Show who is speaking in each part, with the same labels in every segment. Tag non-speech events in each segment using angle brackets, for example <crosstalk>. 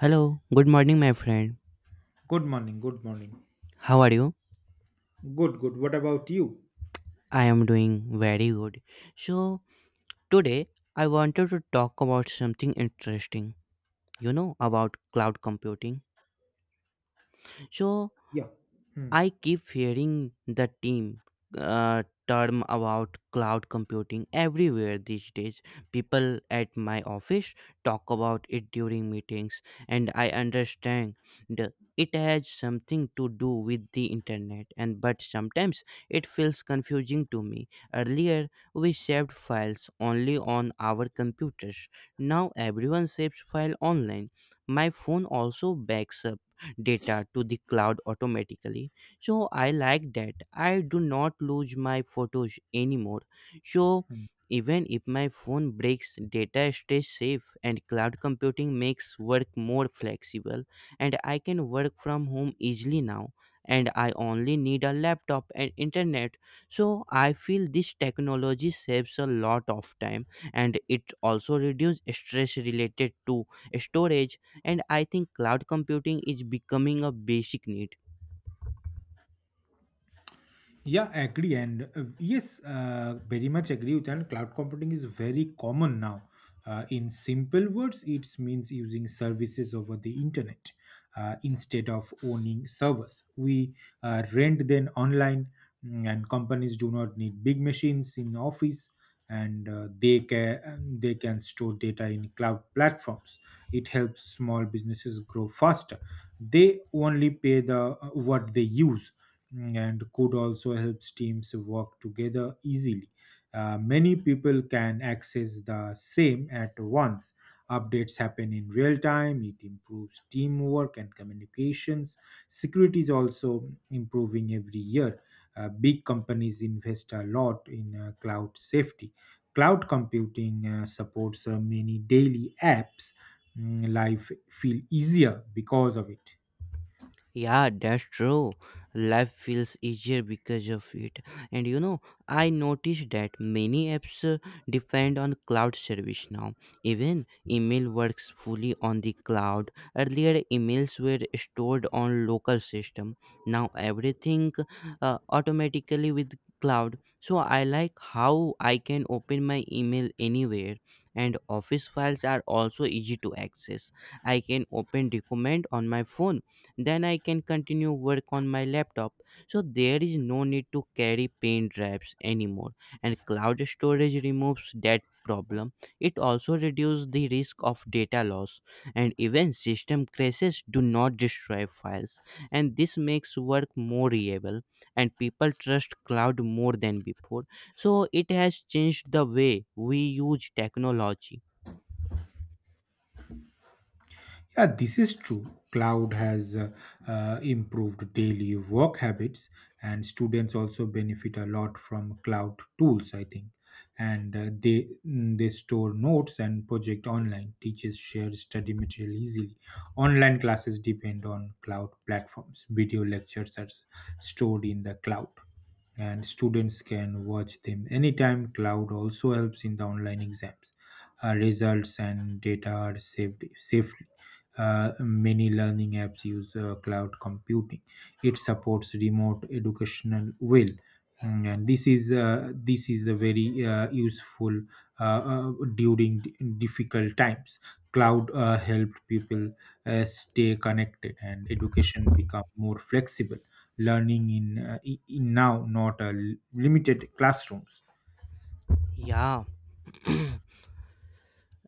Speaker 1: Hello, good morning, my friend.
Speaker 2: Good morning. Good morning.
Speaker 1: How are you?
Speaker 2: Good, good. What about you?
Speaker 1: I am doing very good. So, today I wanted to talk about something interesting, about cloud computing. So,
Speaker 2: Yeah. Hmm,
Speaker 1: I keep hearing the team term about cloud computing everywhere these days. People at my office talk about it during meetings, and I understand it has something to do with the internet. And but sometimes it feels confusing to me. Earlier, we saved files only on our computers. Now everyone saves file online. My phone also backs up data to the cloud automatically, so I like that I do not lose my photos anymore. So
Speaker 2: hmm.
Speaker 1: even if my phone breaks, data stays safe, and cloud computing makes work more flexible, and I can work from home easily now, and I only need a laptop and internet. So I feel this technology saves a lot of time, and it also reduces stress related to storage, and I think cloud computing is becoming a basic need.
Speaker 2: Yeah, I agree. Very much agree with that. Cloud computing is very common now. In simple words, it means using services over the internet instead of owning servers. We rent them online, and companies do not need big machines in office, and uh, they can store data in cloud platforms. It helps small businesses grow faster. They only pay the what they use and code also helps teams work together easily. Many people can access the same at once. Updates happen in real time, it improves teamwork and communications. Security is also improving every year. Big companies invest a lot in cloud safety. Cloud computing supports many daily apps. Life feel easier because of it.
Speaker 1: Yeah, that's true. Life feels easier because of it. And I noticed that many apps depend on cloud service now. Even email works fully on the cloud. Earlier, emails were stored on local system. Now everything automatically with cloud. So I like how I can open my email anywhere, and office files are also easy to access. I can open document on my phone, then I can continue work on my laptop. So there is no need to carry pen drives anymore, and cloud storage removes that problem. It also reduces the risk of data loss, and even system crashes do not destroy files, and this makes work more reliable, and people trust cloud more than before, so it has changed the way we use technology.
Speaker 2: Yeah, this is true. Cloud has improved daily work habits, and students also benefit a lot from cloud tools, I think. And they store notes and project online. Teachers share study material easily. Online classes depend on cloud platforms. Video lectures are stored in the cloud, and students can watch them anytime. Cloud also helps in the online exams. Results and data are saved safely many learning apps use cloud computing. It supports remote educational well, and this is the very useful during difficult times. Cloud helped people stay connected, and education become more flexible. Learning in, in now not limited classrooms.
Speaker 1: Yeah. <clears throat>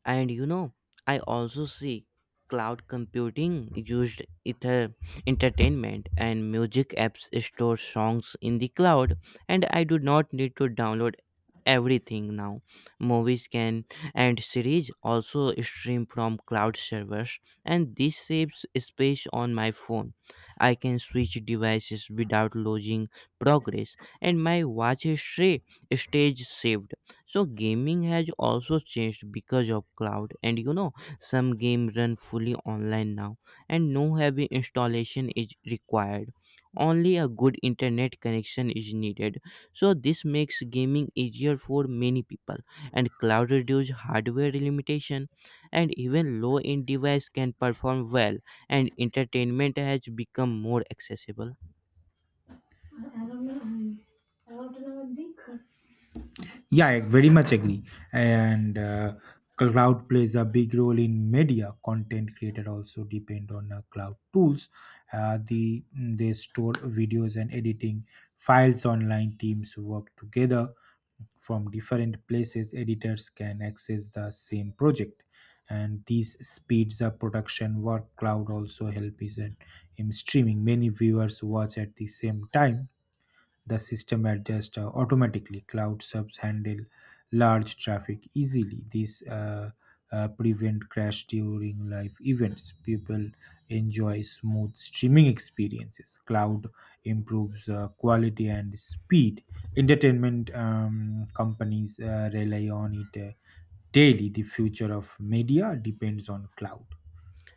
Speaker 1: And I also see cloud computing used ether entertainment, and music apps store songs in the cloud, and I do not need to download everything now. Movies can and series also stream from cloud servers, and this saves space on my phone. I can switch devices without losing progress, and my watch history stays saved. So gaming has also changed because of cloud, and some game run fully online now, and no heavy installation is required, only a good internet connection is needed. So this makes gaming easier for many people, and cloud reduces hardware limitation, and even low end device can perform well, and entertainment has become more accessible.
Speaker 2: Yeah, I very much agree. And Cloud plays a big role in media. Content creator also depend on cloud tools. They store videos and editing files online. Teams work together from different places. Editors can access the same project, and this speeds up production. Work cloud also help is in streaming. Many viewers watch at the same time, the system adjusts automatically. Cloud subs handle large traffic easily, these prevent crash during live events. People enjoy smooth streaming experiences. Cloud improves quality and speed. Entertainment companies rely on it daily. The future of media depends on cloud.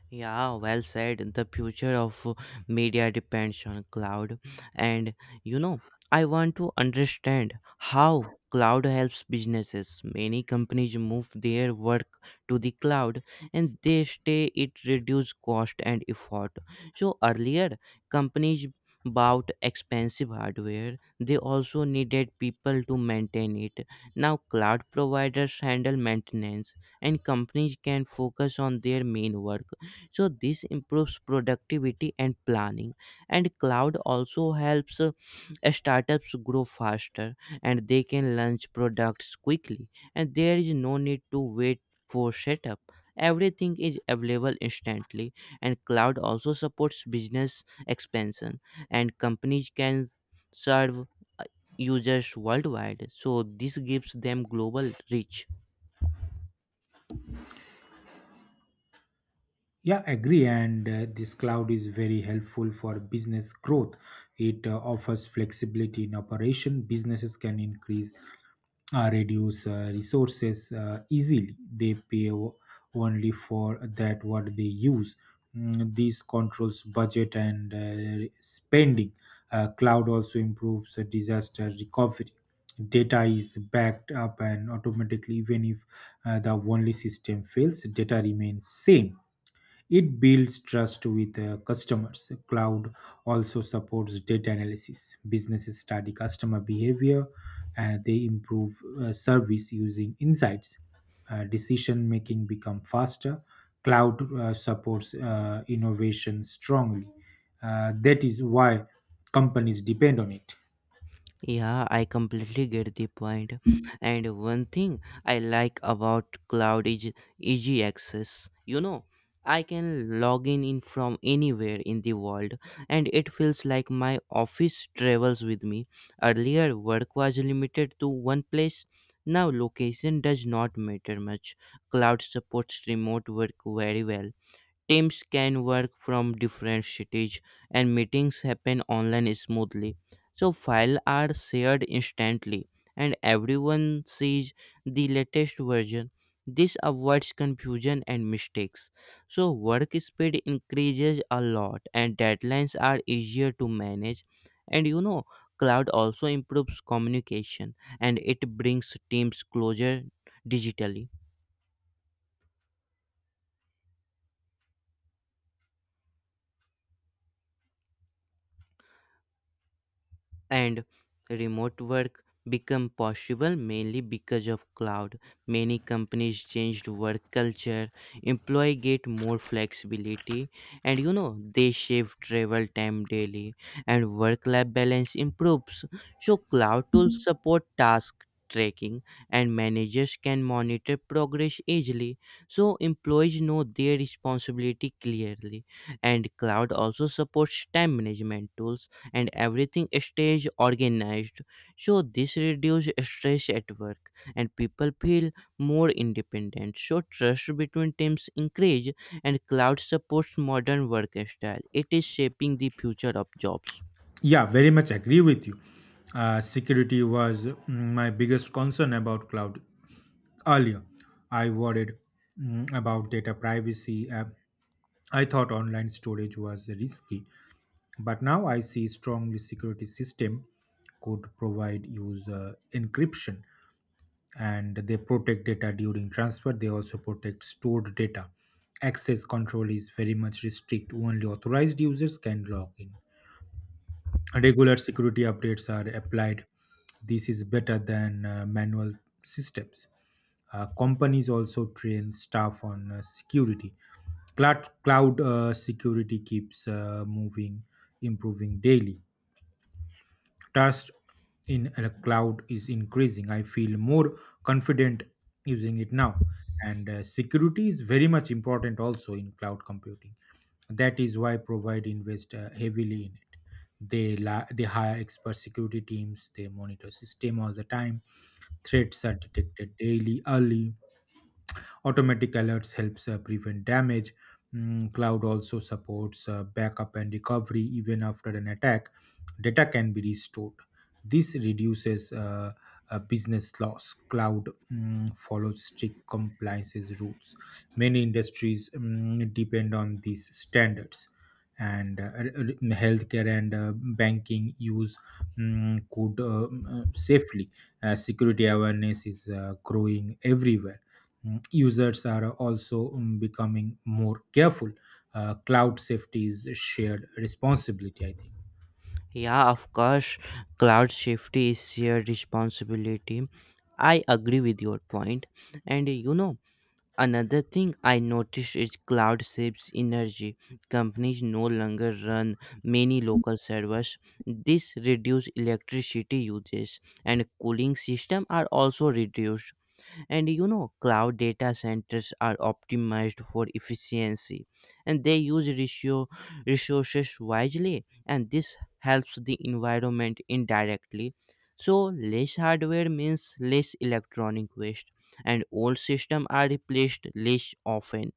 Speaker 1: Yeah, well said. The future of media depends on cloud. And you know, I want to understand how cloud helps businesses. Many companies move their work to the cloud, and they stay it reduce cost and effort. So earlier, companies bought expensive hardware, they also needed people to maintain it. Now cloud providers handle maintenance, and companies can focus on their main work, so this improves productivity and planning. And cloud also helps startups grow faster, and they can launch products quickly, and there is no need to wait for setup, everything is available instantly. And cloud also supports business expansion, and companies can serve users worldwide, so this gives them global reach.
Speaker 2: Yeah, agree. And This cloud is very helpful for business growth. It offers flexibility in operation. Businesses can increase reduce resources easily. They only for that what they use. This controls budget and spending. Cloud also improves disaster recovery. Data is backed up and automatically, even if the only system fails, data remains same. It builds trust with customers. Cloud also supports data analysis. Businesses study customer behavior and they improve service using insights. Decision making become faster. Cloud supports innovation strongly. That is why companies depend on it.
Speaker 1: Yeah, I completely get the point. And one thing I like about cloud is easy access. I can log in from anywhere in the world, and it feels like my office travels with me. Earlier, work was limited to one place. Now, location does not matter much. Cloud supports remote work very well. Teams can work from different cities, and meetings happen online smoothly. So files are shared instantly, and everyone sees the latest version. This avoids confusion and mistakes. So work speed increases a lot, and deadlines are easier to manage. And cloud also improves communication, and it brings teams closer digitally. And remote work become possible mainly because of cloud. Many companies changed work culture, employee get more flexibility, and they save travel time daily, and work life balance improves. So cloud tools support task tracking, and managers can monitor progress easily, so employees know their responsibility clearly. And cloud also supports time management tools, and everything stays organized. So this reduces stress at work, and people feel more independent. So trust between teams increase, and cloud supports modern work style. It is shaping the future of jobs.
Speaker 2: Yeah, very much agree with you. Security was my biggest concern about cloud. Earlier, I worried about data privacy. I thought online storage was risky, but now I see strongly security system could provide user encryption and they protect data during transfer. They also protect stored data. Access control is very much restrict. Only authorized users can log in, regular security updates are applied. This is better than manual systems. Uh, companies also train staff on security. Cloud security keeps moving, improving daily. Trust in a cloud is increasing. I feel more confident using it now. And Security is very much important also in cloud computing. That is why Provide invest heavily in it. They hire expert security teams. They monitor system all the time. Threats are detected daily, early, automatic alerts helps prevent damage. Cloud also supports backup and recovery. Even after an attack data can be restored, this reduces business loss. Cloud follows strict compliances rules, many industries depend on these standards, and healthcare and banking use could safely. Security awareness is growing everywhere. Users are also becoming more careful. Cloud safety is a shared responsibility, I think.
Speaker 1: Yeah, of course, cloud safety is shared responsibility. I agree with your point, and another thing I noticed is cloud saves energy. Companies no longer run many local servers. This reduces electricity uses, and cooling system are also reduced, and cloud data centers are optimized for efficiency, and they use ratio resources wisely, and this helps the environment indirectly. So less hardware means less electronic waste, and old systems are replaced less often.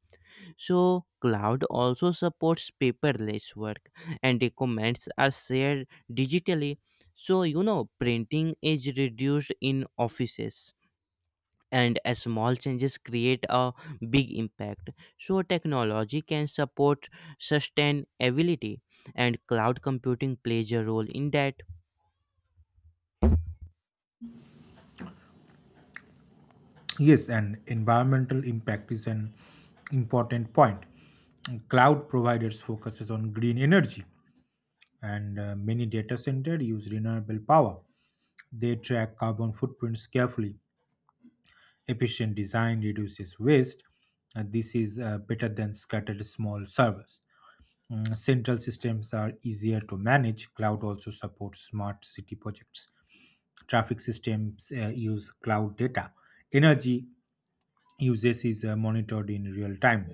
Speaker 1: So cloud also supports paperless work, and documents are shared digitally. So printing is reduced in offices, and a small changes create a big impact. So technology can support sustainability, and cloud computing plays a role in that.
Speaker 2: Yes, and environmental impact is an important point. Cloud providers focuses on green energy, and many data centers use renewable power. They track carbon footprints carefully. Efficient design reduces waste, and this is better than scattered small servers. Central systems are easier to manage. Cloud also supports smart city projects. Traffic systems use cloud data. Energy usage is monitored in real time.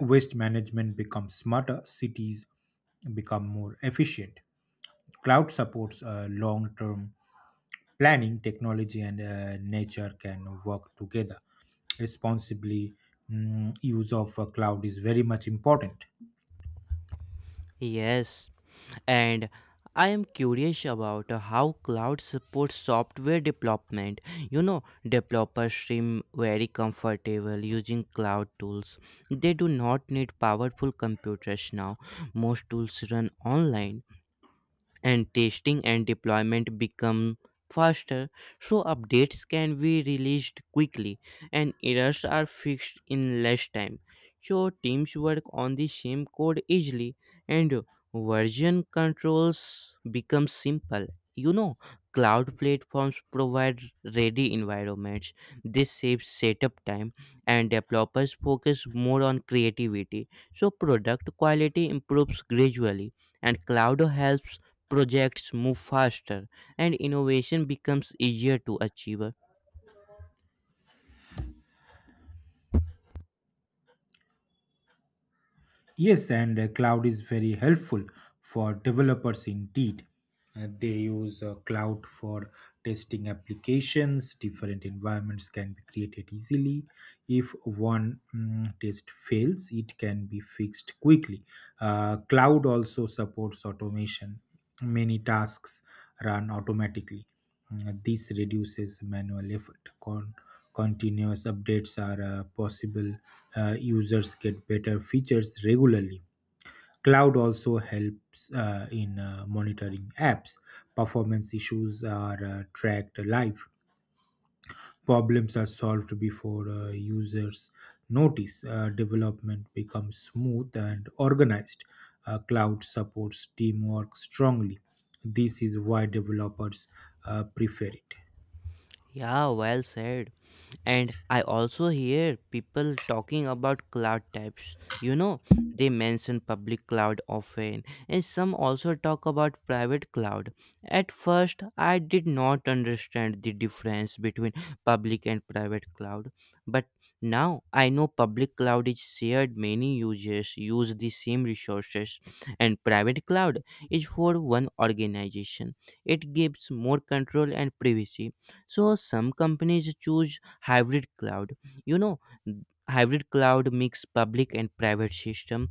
Speaker 2: Waste management becomes smarter. Cities become more efficient. Cloud supports long term planning. Technology and nature can work together. Responsibly, use of cloud is very much important.
Speaker 1: Yes, and I am curious about how cloud supports software development. you know developers seem very comfortable using cloud tools. They do not need powerful computers now, most tools run online, and testing and deployment become faster. So updates can be released quickly, and errors are fixed in less time. So teams work on the same code easily, and version controls become simple. you know cloud platforms provide ready environments, this saves setup time, and developers focus more on creativity, so product quality improves gradually. And cloud helps projects move faster, and innovation becomes easier to achieve.
Speaker 2: Yes, and cloud is very helpful for developers indeed. They use cloud for testing applications. Different environments can be created easily. If one test fails, it can be fixed quickly. Cloud also supports automation. Many tasks run automatically. This reduces manual effort. Continuous updates are possible. Users get better features regularly. Cloud also helps in monitoring apps. Performance issues are tracked live. Problems are solved before users notice. Development becomes smooth and organized. Cloud supports teamwork strongly. This is why developers prefer it.
Speaker 1: Yeah, well said. And I also hear people talking about cloud types. You know, they mention public cloud often, and some also talk about private cloud. At first, I did not understand the difference between public and private cloud, but now I know public cloud is shared, many users use the same resources, and private cloud is for one organization. It gives more control and privacy. So some companies choose hybrid cloud. you know hybrid cloud mix public and private system,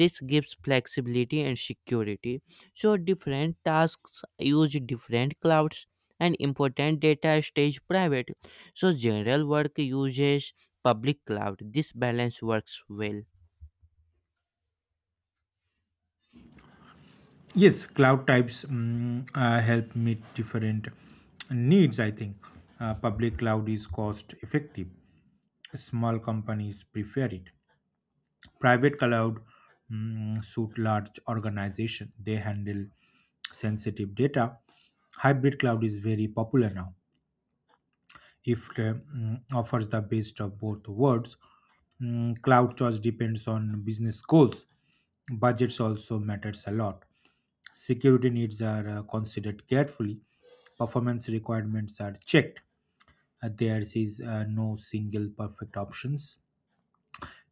Speaker 1: this gives flexibility and security. So different tasks use different clouds, and important data stays private, so general work uses public cloud. This balance works well.
Speaker 2: Yes, cloud types help meet different needs, I think. Public cloud is cost effective. Small companies prefer it. Private cloud suit large organization. They handle sensitive data. Hybrid cloud is very popular now, if offers the best of both worlds. Cloud choice depends on business goals. Budgets also matters a lot. Security needs are considered carefully. Performance requirements are checked. There is no single perfect options.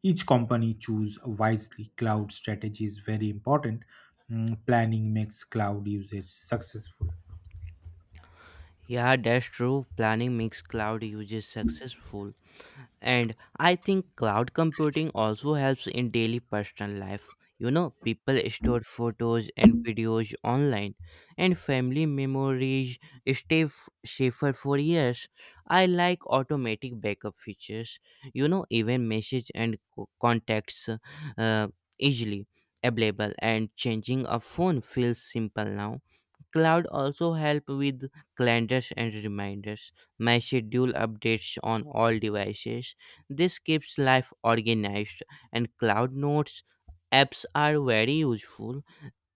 Speaker 2: Each company choose wisely. Cloud strategy is very important. Planning makes cloud usage successful.
Speaker 1: Yeah, that's true, planning mix cloud uses successful. And I think cloud computing also helps in daily personal life. People store photos and videos online, and family memories safer for years. I like automatic backup features. Even message and contacts uh, easily available, and changing a phone feels simple now. Cloud also help with calendars and reminders. My schedule updates on all devices. This keeps life organized, and cloud notes apps are very useful,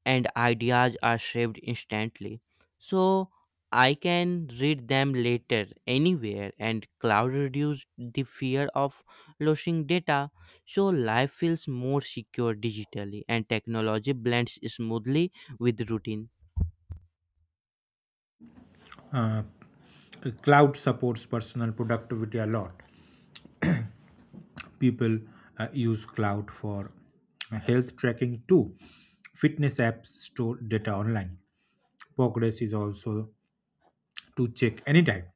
Speaker 1: and ideas are saved instantly. So I can read them later anywhere, and cloud reduces the fear of losing data, so life feels more secure digitally, and technology blends smoothly with routine.
Speaker 2: Uh, cloud supports personal productivity a lot. People use cloud for health tracking too. Fitness apps store data online, progress is also to check anytime.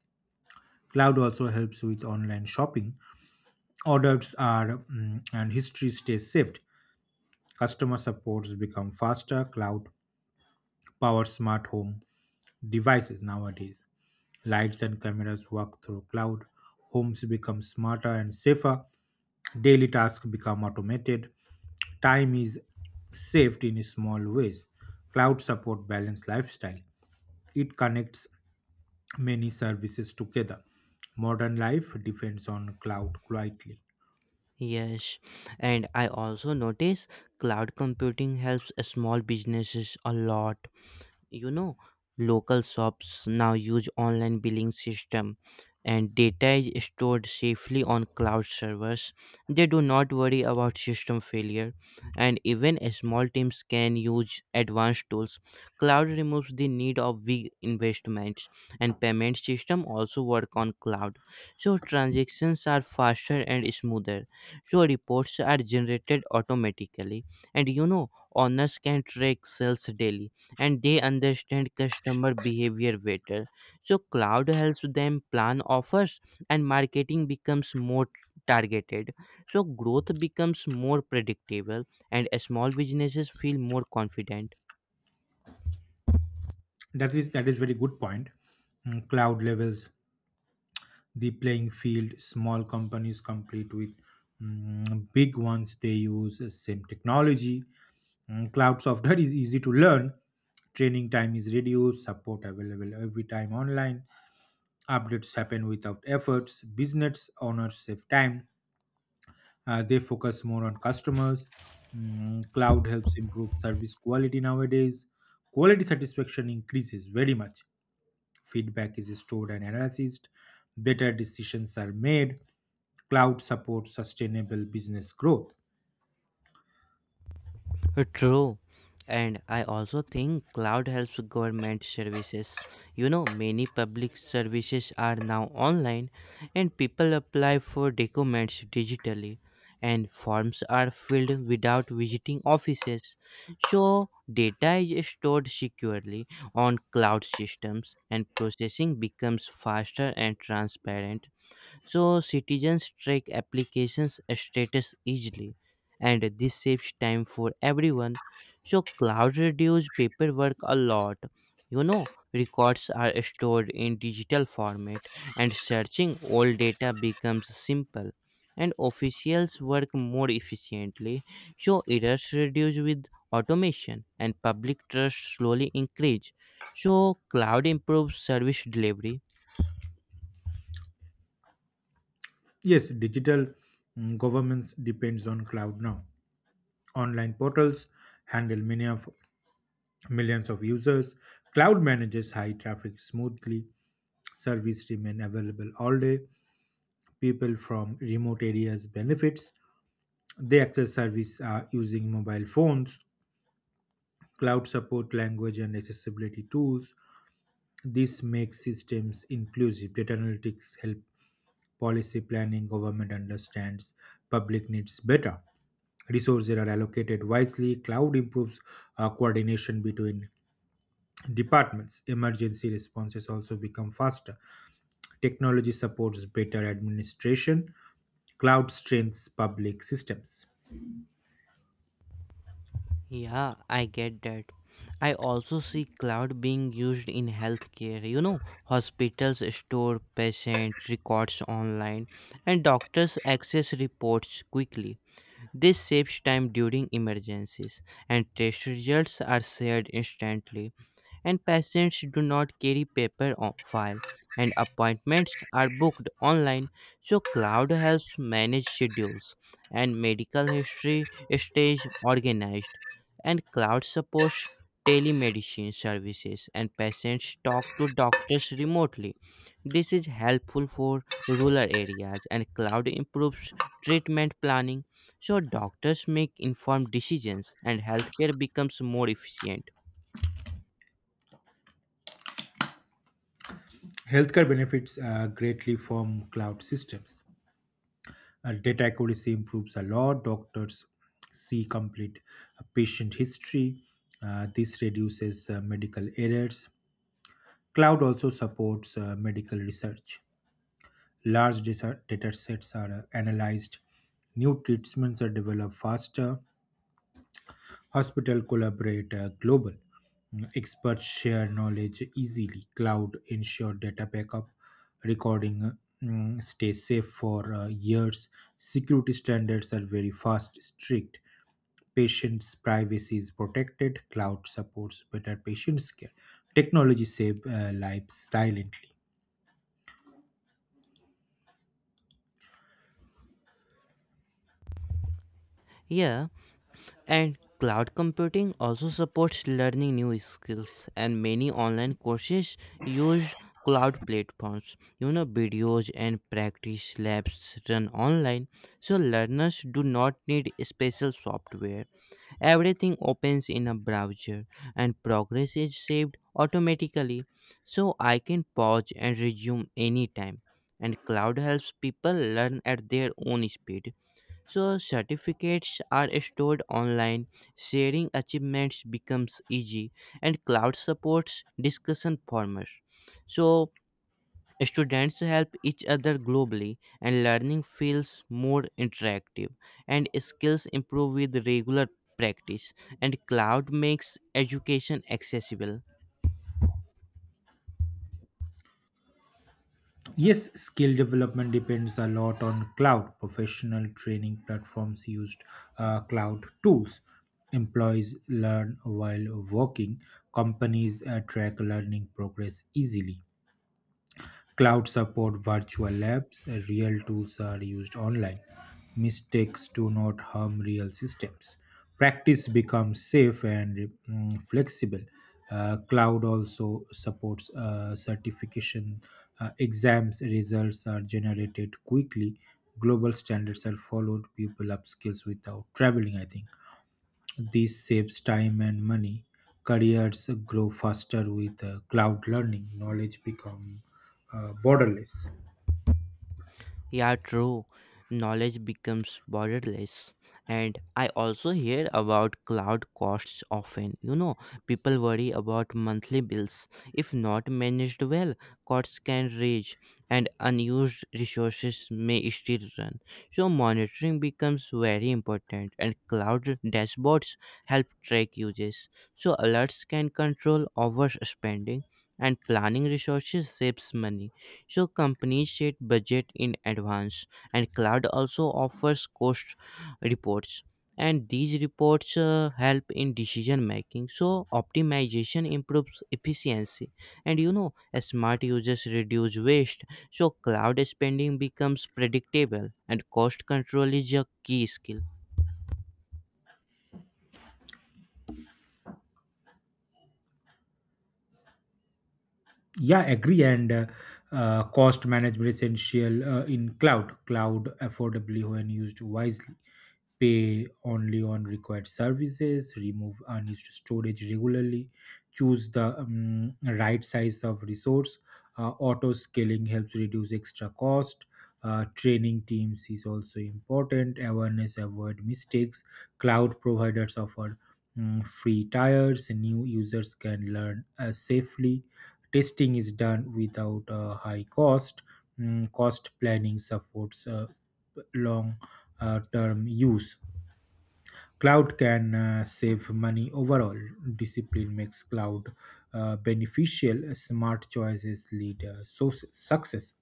Speaker 2: Cloud also helps with online shopping. Orders are and history stays saved. Customer supports become faster. Cloud powers smart home devices nowadays. Lights and cameras work through cloud, homes become smarter and safer, daily tasks become automated, time is saved in small ways. Cloud support balanced lifestyle. It connects many services together. Modern life depends on cloud quietly.
Speaker 1: Yes, and I also notice cloud computing helps small businesses a lot. you know local shops now use online billing system, and data is stored safely on cloud servers. They do not worry about system failure, and even small teams can use advanced tools. Cloud removes the need of big investments, and payment system also work on cloud, so transactions are faster and smoother. So reports are generated automatically, and owners can track sales daily, and they understand customer behavior better. So cloud helps them plan offers, and marketing becomes more targeted. So growth becomes more predictable, and small businesses feel more confident.
Speaker 2: That is very good point. Cloud levels the playing field. Small companies compete with big ones, they use the same technology. Cloud software is easy to learn, training time is reduced, support available every time online, updates happen without efforts, business owners save time, they focus more on customers. Cloud helps improve service quality nowadays, quality satisfaction increases very much, feedback is stored and analyzed, better decisions are made, cloud supports sustainable business growth.
Speaker 1: True. And I also think cloud helps government services. You know, many public services are now online, and people apply for documents digitally, and forms are filled without visiting offices. So data is stored securely on cloud systems, and processing becomes faster and transparent, so citizens track applications status easily, and this saves time for everyone. So cloud reduce paperwork a lot. Records are stored in digital format, and searching all data becomes simple, and officials work more efficiently, so errors reduce with automation, and public trust slowly increase, so cloud improves service delivery.
Speaker 2: Yes, digital governments depends on cloud now. Online portals handle many of millions of users. Cloud manages high traffic smoothly. Service remain available all day. People from remote areas benefits. They access service using mobile phones. Cloud support language and accessibility tools. This makes systems inclusive. Data analytics help policy planning, government understands public needs better. Resources are allocated wisely. Cloud improves coordination between departments. Emergency responses also become faster. Technology supports better administration. Cloud strengthens public systems.
Speaker 1: Yeah, I get that. I also see cloud being used in healthcare. You know, hospitals store patient records online, and doctors access reports quickly. This saves time during emergencies, and test results are shared instantly, and patients do not carry paper on file, and appointments are booked online. So cloud helps manage schedules, and medical history stays organized, and cloud supports telemedicine services, and patients talk to doctors remotely. This is helpful for rural areas, and cloud improves treatment planning, so doctors make informed decisions, and healthcare becomes more efficient.
Speaker 2: Healthcare benefits greatly from cloud systems. Data accuracy improves a lot. Doctors see complete patient history. This reduces medical errors. Cloud also supports medical research. Large data sets are analyzed. New treatments are developed faster. Hospital collaborate global. Experts share knowledge easily. Cloud ensure data backup, recording stay safe for years. Security standards are very fast, strict. Patients' privacy is protected. Cloud supports better patients' care. Technology save lives silently.
Speaker 1: Yeah. And cloud computing also supports learning new skills, and many online courses use cloud platforms. You know, videos and practice labs run online, so learners do not need special software. Everything opens in a browser, and progress is saved automatically, so I can pause and resume anytime. And cloud helps people learn at their own speed. So, certificates are stored online, sharing achievements becomes easy, and cloud supports discussion formats. So, students help each other globally, and learning feels more interactive, and skills improve with regular practice, and cloud makes education accessible.
Speaker 2: Yes, skill development depends a lot on cloud. Professional training platforms used cloud tools. Employees learn while working. Companies track learning progress easily. Cloud support virtual labs, real tools are used online. Mistakes do not harm real systems. Practice becomes safe and flexible. Cloud also supports certification. Exams results are generated quickly. Global standards are followed. People upskills without traveling, I think. This saves time and money. Careers grow faster with cloud learning. Knowledge become borderless.
Speaker 1: Yeah, true. Knowledge becomes borderless. And I also hear about cloud costs often. You know, people worry about monthly bills. If not managed well, costs can rage, and unused resources may still run. So, monitoring becomes very important, and cloud dashboards help track uses. So, alerts can control overspending, and planning resources saves money, so companies set budget in advance, and cloud also offers cost reports. And these reports help in decision making. So optimization improves efficiency, and smart users reduce waste. So cloud spending becomes predictable, and cost control is a key skill.
Speaker 2: Yeah, agree. And Cost management essential in cloud. Cloud affordably when used wisely. Pay only on required services. Remove unused storage regularly. Choose the right size of resource. Auto scaling helps reduce extra cost. Training teams is also important. Awareness avoid mistakes. Cloud providers offer free tires. New users can learn safely. Testing is done without a high cost. Cost planning supports long term use. Cloud can save money overall. Discipline makes cloud beneficial. Smart choices lead so success.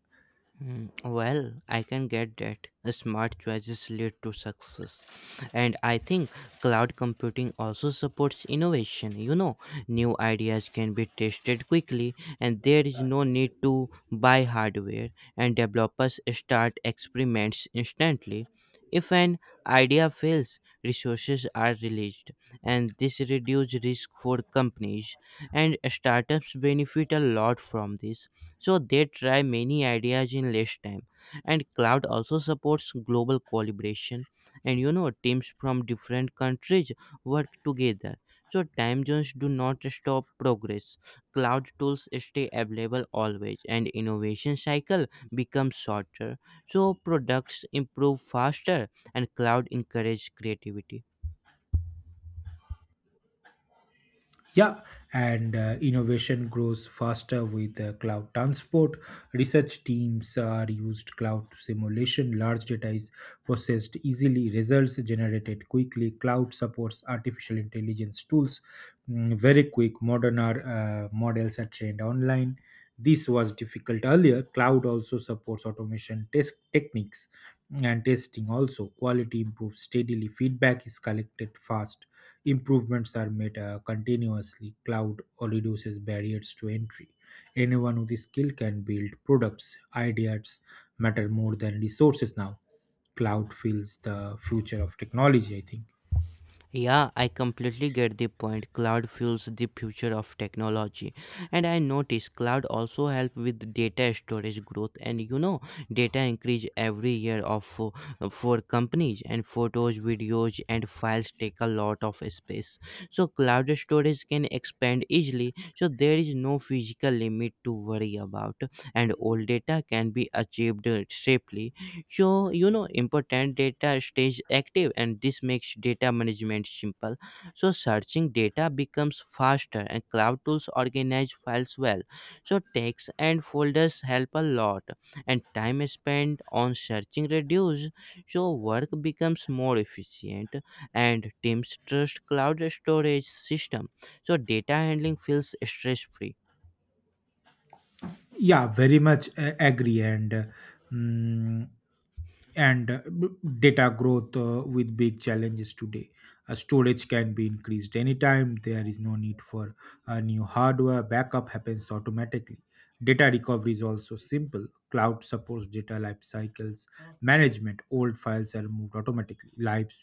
Speaker 1: Hmm, well, I can get that. Smart choices lead to success. And I think cloud computing also supports innovation. You know, new ideas can be tested quickly, and there is no need to buy hardware, and developers start experiments instantly. If an idea fails, resources are released, and this reduces risk for companies, and startups benefit a lot from this, so they try many ideas in less time. And cloud also supports global collaboration, and teams from different countries work together, so time zones do not stop progress. Cloud tools stay available always, and innovation cycle becomes shorter, so products improve faster, and cloud encourage creativity.
Speaker 2: Yeah, and innovation grows faster with cloud transport. Research teams are used cloud simulation. Large data is processed easily. Results generated quickly. Cloud supports artificial intelligence tools. Very quick. Models are trained online. This was difficult earlier. Cloud also supports automation test techniques and testing. Also, quality improves steadily. Feedback is collected fast. Improvements are made continuously. Cloud or reduces barriers to entry. Anyone with the skill can build products. Ideas matter more than resources now. Cloud feels the future of technology, I think.
Speaker 1: Yeah, I completely get the point. Cloud fuels the future of technology. And I notice cloud also help with data storage growth. And you know, data increase every year for companies, and photos, videos and files take a lot of space. So cloud storage can expand easily. So there is no physical limit to worry about, and all data can be achieved safely. So important data stays active, and this makes data management simple, so searching data becomes faster, and cloud tools organize files well, so tags and folders help a lot, and time spent on searching reduce, so work becomes more efficient, and teams trust cloud storage system, so data handling feels stress free.
Speaker 2: Yeah, very much agree. And mm, and b- Data growth with big challenges today. Storage can be increased anytime. There is no need for new hardware. Backup happens automatically. Data recovery is also simple. Cloud supports data life cycles management. Old files are moved automatically. Lives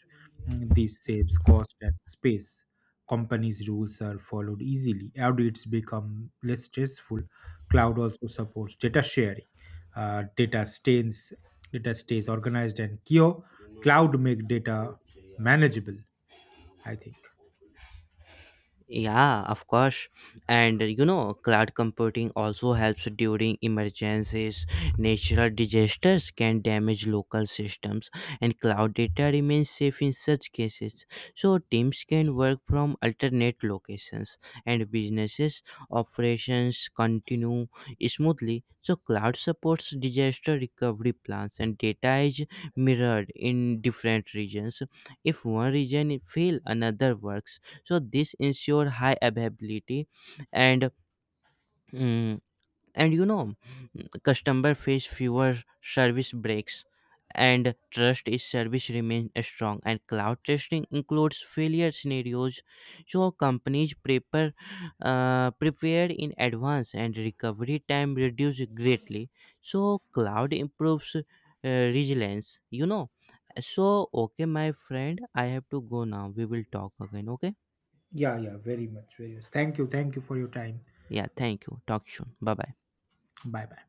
Speaker 2: this saves cost and space. Companies' rules are followed easily. Audits become less stressful. Cloud also supports data sharing uh, data stays organized and Kio cloud make data manageable, I think.
Speaker 1: Yeah, of course. And cloud computing also helps during emergencies. Natural disasters can damage local systems, and cloud data remains safe in such cases. So, teams can work from alternate locations, and businesses' operations continue smoothly. So, cloud supports disaster recovery plans, and data is mirrored in different regions. If one region fails, another works, so this ensure high availability. And mm, and you know mm, customer face fewer service breaks, and trust is service remains strong, and cloud testing includes failure scenarios, so companies prepared in advance, and recovery time reduced greatly, so cloud improves resilience. So okay, my friend, I have to go now, we will talk again, okay?
Speaker 2: Yeah, yeah, very much, very much. Thank you. Thank you for your time.
Speaker 1: Yeah, thank you. Talk soon. Bye bye.
Speaker 2: Bye bye.